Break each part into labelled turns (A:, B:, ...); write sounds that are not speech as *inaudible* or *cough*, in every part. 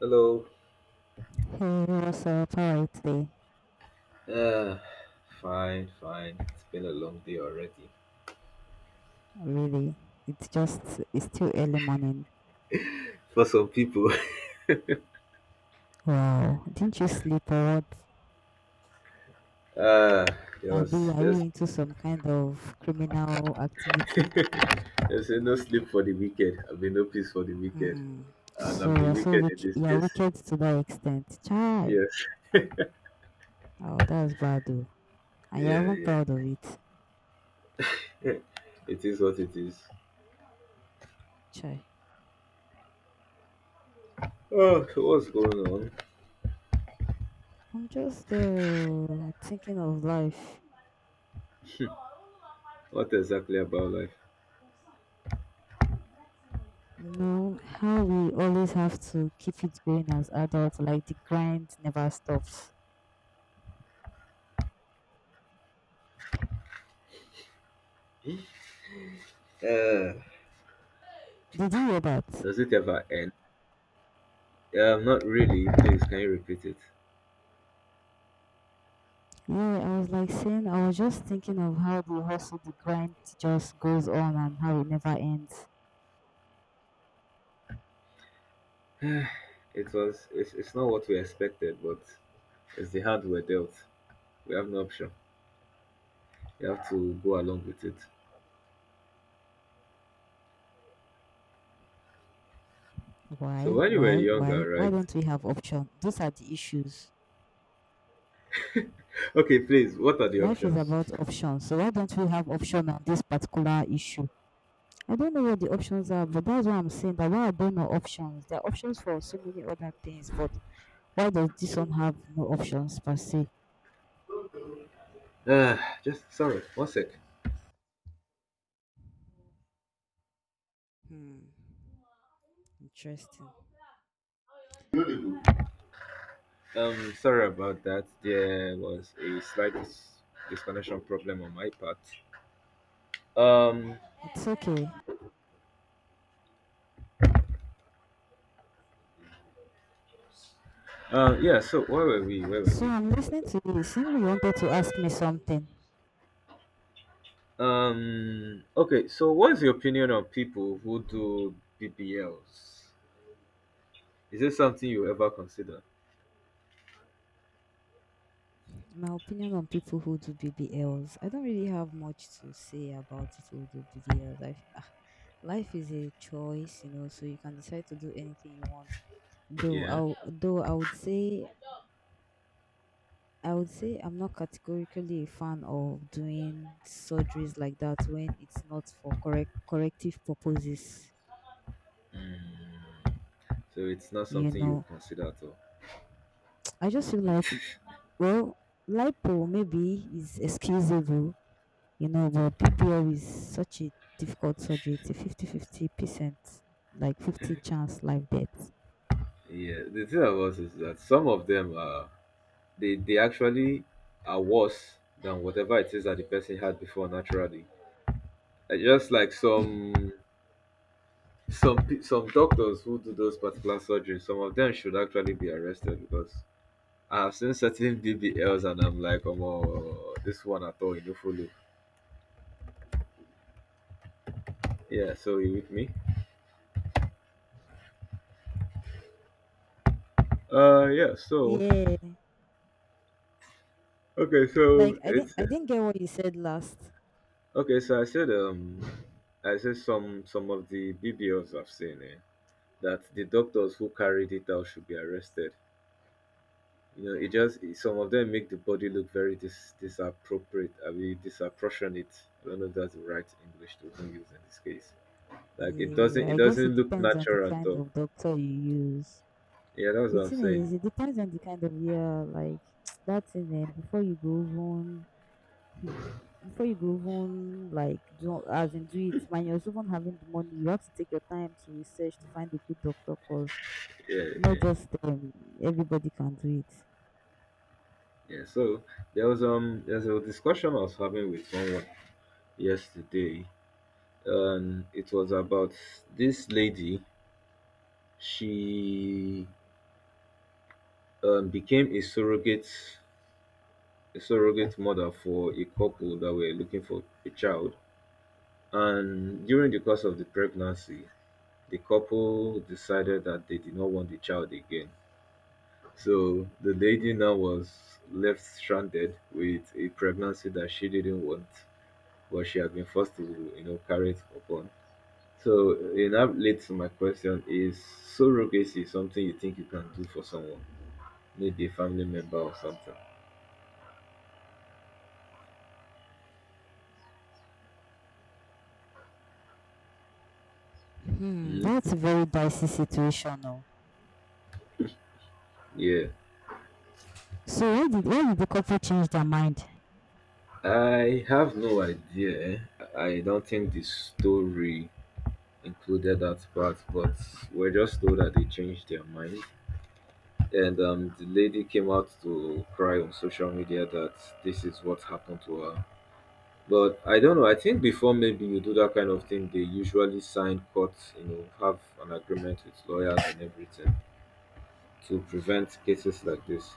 A: Hello.
B: Hey, what's up alright today.
A: Uh, fine, fine. It's been a long day already.
B: Really, it's just it's still early morning.
A: For some people,
B: Wow, didn't you sleep or what?
A: *laughs* uh, there
B: Abi,
A: was
B: are you into some kind of criminal activity?
A: there's been no sleep for the wicked. I've been no peace for the wicked,
B: Hmm.
A: and
B: So
A: I'm the
B: you're so
A: wicked in
B: wicked.
A: this
B: You're
A: case.
B: wicked to that extent, chai.
A: Yes,
B: Oh, that's bad, though. And you're
A: yeah,
B: even
A: yeah.
B: proud of it,
A: It is what it is.
B: chai.
A: Oh, so what's going on?
B: I'm just thinking of life.
A: What exactly about life?
B: You know how we always have to keep it going as adults, like the grind never stops.
A: Uh,
B: Did you hear that?
A: does it ever end? Not really. Please, can you repeat it?
B: Yeah, I was like saying, I was just thinking of how the hustle, the grind just goes on and how it never ends.
A: It was. It's not what we expected, but it's the hand we're dealt. We have no option. You have to go along with it.
B: Why?
A: So when you were
B: Why? Why?
A: younger,
B: Why
A: right?
B: don't we have option? Those are the issues.
A: Okay, please. What are the
B: Life is
A: options?
B: about options, so why don't we have option on this particular issue? I don't know what the options are, but that's why I'm saying that why I don't know options. There are options for so many other things, but why does this one have no options per se?
A: Uh, just sorry. One sec.
B: Hmm. Interesting.
A: Sorry about that. There was a slight disconnection problem on my part. Um.
B: It's okay.
A: Yeah. So where were we? Where were
B: So
A: we?
B: I'm listening to you. It seems you wanted to ask me something.
A: Okay. So what's your opinion on people who do BBLs? Is it something you ever consider?
B: My opinion on people who do BBLs, I don't really have much to say about people who do BBLs. I life is a choice, you know, so you can decide to do anything you want. Though
A: Yeah.
B: though I would say I'm not categorically a fan of doing surgeries like that when it's not for corrective purposes.
A: Mm. So it's not
B: You
A: something you
B: know,
A: consider at all.
B: *tsk* I just feel like, well, lipo maybe is excusable. You know, but BBL is such a difficult surgery. It's a 50%, like 50 chance life death.
A: Yeah, the thing about it is that some of them are they actually are worse than whatever it is that the person had before naturally. Like, just like some some doctors who do those particular surgeries, some of them should actually be arrested because I have seen certain BBLs and I'm like, oh, this one at all, you no follow. Yeah, so you with me? Yeah.
B: Yeah.
A: Okay,
B: Like
A: so
B: I didn't
A: it's
B: I didn't get what you said last.
A: okay. So I said some of the BBLs I've seen. Eh? That the doctors who carried it out should be arrested. You know, it just some of them make the body look very disappropriate. I mean, disproportionate. I don't know if that's the right English to even use in this case. Like it doesn't
B: Yeah,
A: it
B: I guess it
A: doesn't look
B: depends on the
A: natural at
B: kind
A: all.
B: of doctor you use.
A: Yeah, that's
B: The
A: what I'm
B: thing
A: saying.
B: is, it depends on the kind of yeah, like *tsk* that's in then before you go on, hmm, before you go on, like do as in do it, when you're even having the money, you have to take your time to research to find a good doctor cause
A: Yeah,
B: not
A: yeah,
B: just everybody can do it.
A: yeah. So there was there's a discussion I was having with someone yesterday, and it was about this lady. She became a surrogate mother for a couple that were looking for a child. And during the course of the pregnancy, the couple decided that they did not want the child again. So the lady now was left stranded with a pregnancy that she didn't want, but she had been forced to, you know, carry it upon. So in that leads to my question is surrogacy something you think you can do for someone, maybe a family member or something?
B: Hmm,
A: Hmm.
B: that's a very dicey situation, though.
A: Yeah.
B: So why did the couple change their mind?
A: I have no idea. I don't think the story included that part, but we're just told that they changed their mind. And the lady came out to cry on social media that this is what happened to her. But I don't know. I think before maybe you do that kind of thing, they usually sign court, you know, have an agreement with lawyers and everything to prevent cases like this.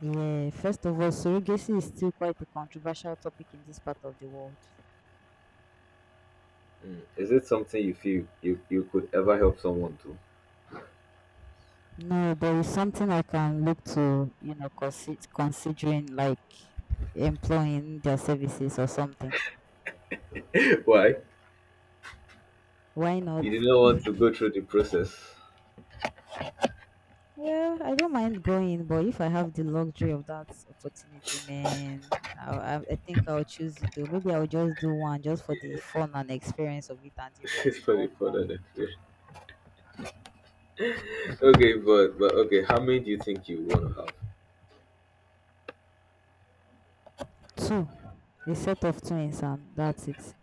B: Yeah, first of all, surrogacy is still quite a controversial topic in this part of the world.
A: Is it something you feel you could ever help someone to?
B: No, there is something I can look to, you know, considering like employing their services or something.
A: *laughs* Why?
B: Why not?
A: You did not
B: *laughs*
A: want to go through the process.
B: Well, I don't mind going, but if I have the luxury of that opportunity, man, I think I'll choose it too. Maybe I'll just do one just for the fun and experience of it and the
A: *laughs*
B: rest or
A: Sorry for
B: more.
A: that explanation. Okay, but okay, how many do you think you want to have?
B: Two. A set of twins and that's it.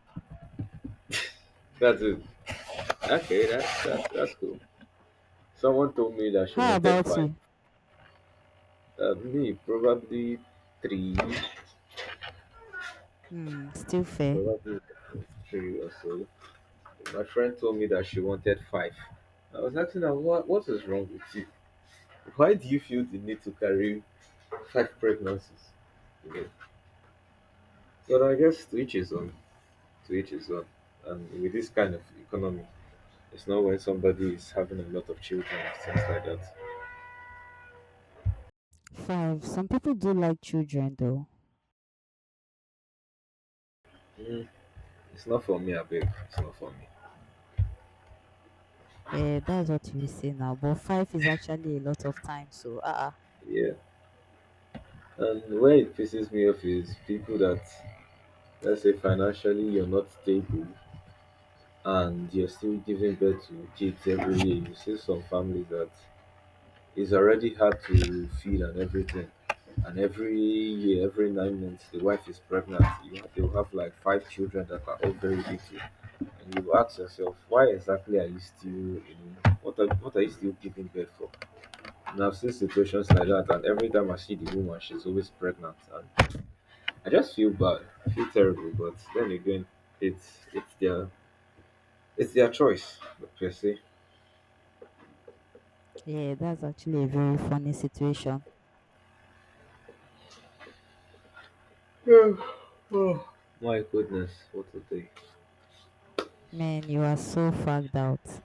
A: That's it. Okay, that's cool. Someone told me that she
B: How
A: wanted
B: about
A: five.
B: you?
A: Me, three,
B: Hmm, still fair.
A: probably three or so. My friend told me that she wanted five. I was asking her, what is wrong with you? Why do you feel the need to carry five pregnancies? You know? But I guess to each his own. To each his own. And with this kind of economy, it's not when somebody is having a lot of children, things like that.
B: Five. Some people do like children though.
A: Mm, it's not for me, I beg. It's not for me.
B: Yeah, that's what you say now. But five is actually a lot of time. So,
A: Yeah. And where it pisses me off is people that, let's say, financially you're not stable and you're still giving birth to kids every year. You see some families that it's already hard to feed and everything. And every year, every nine months, the wife is pregnant. You have, they'll have like five children that are all very little. And you ask yourself, why exactly are you still, you know, what are you still giving birth for? And I've seen situations like that. And every time I see the woman, she's always pregnant. And I just feel bad. I feel terrible. But then again, it's it's their it's their choice per se.
B: yeah, that's actually a very funny situation.
A: Oh my goodness, what a day.
B: Man, you are so fagged out.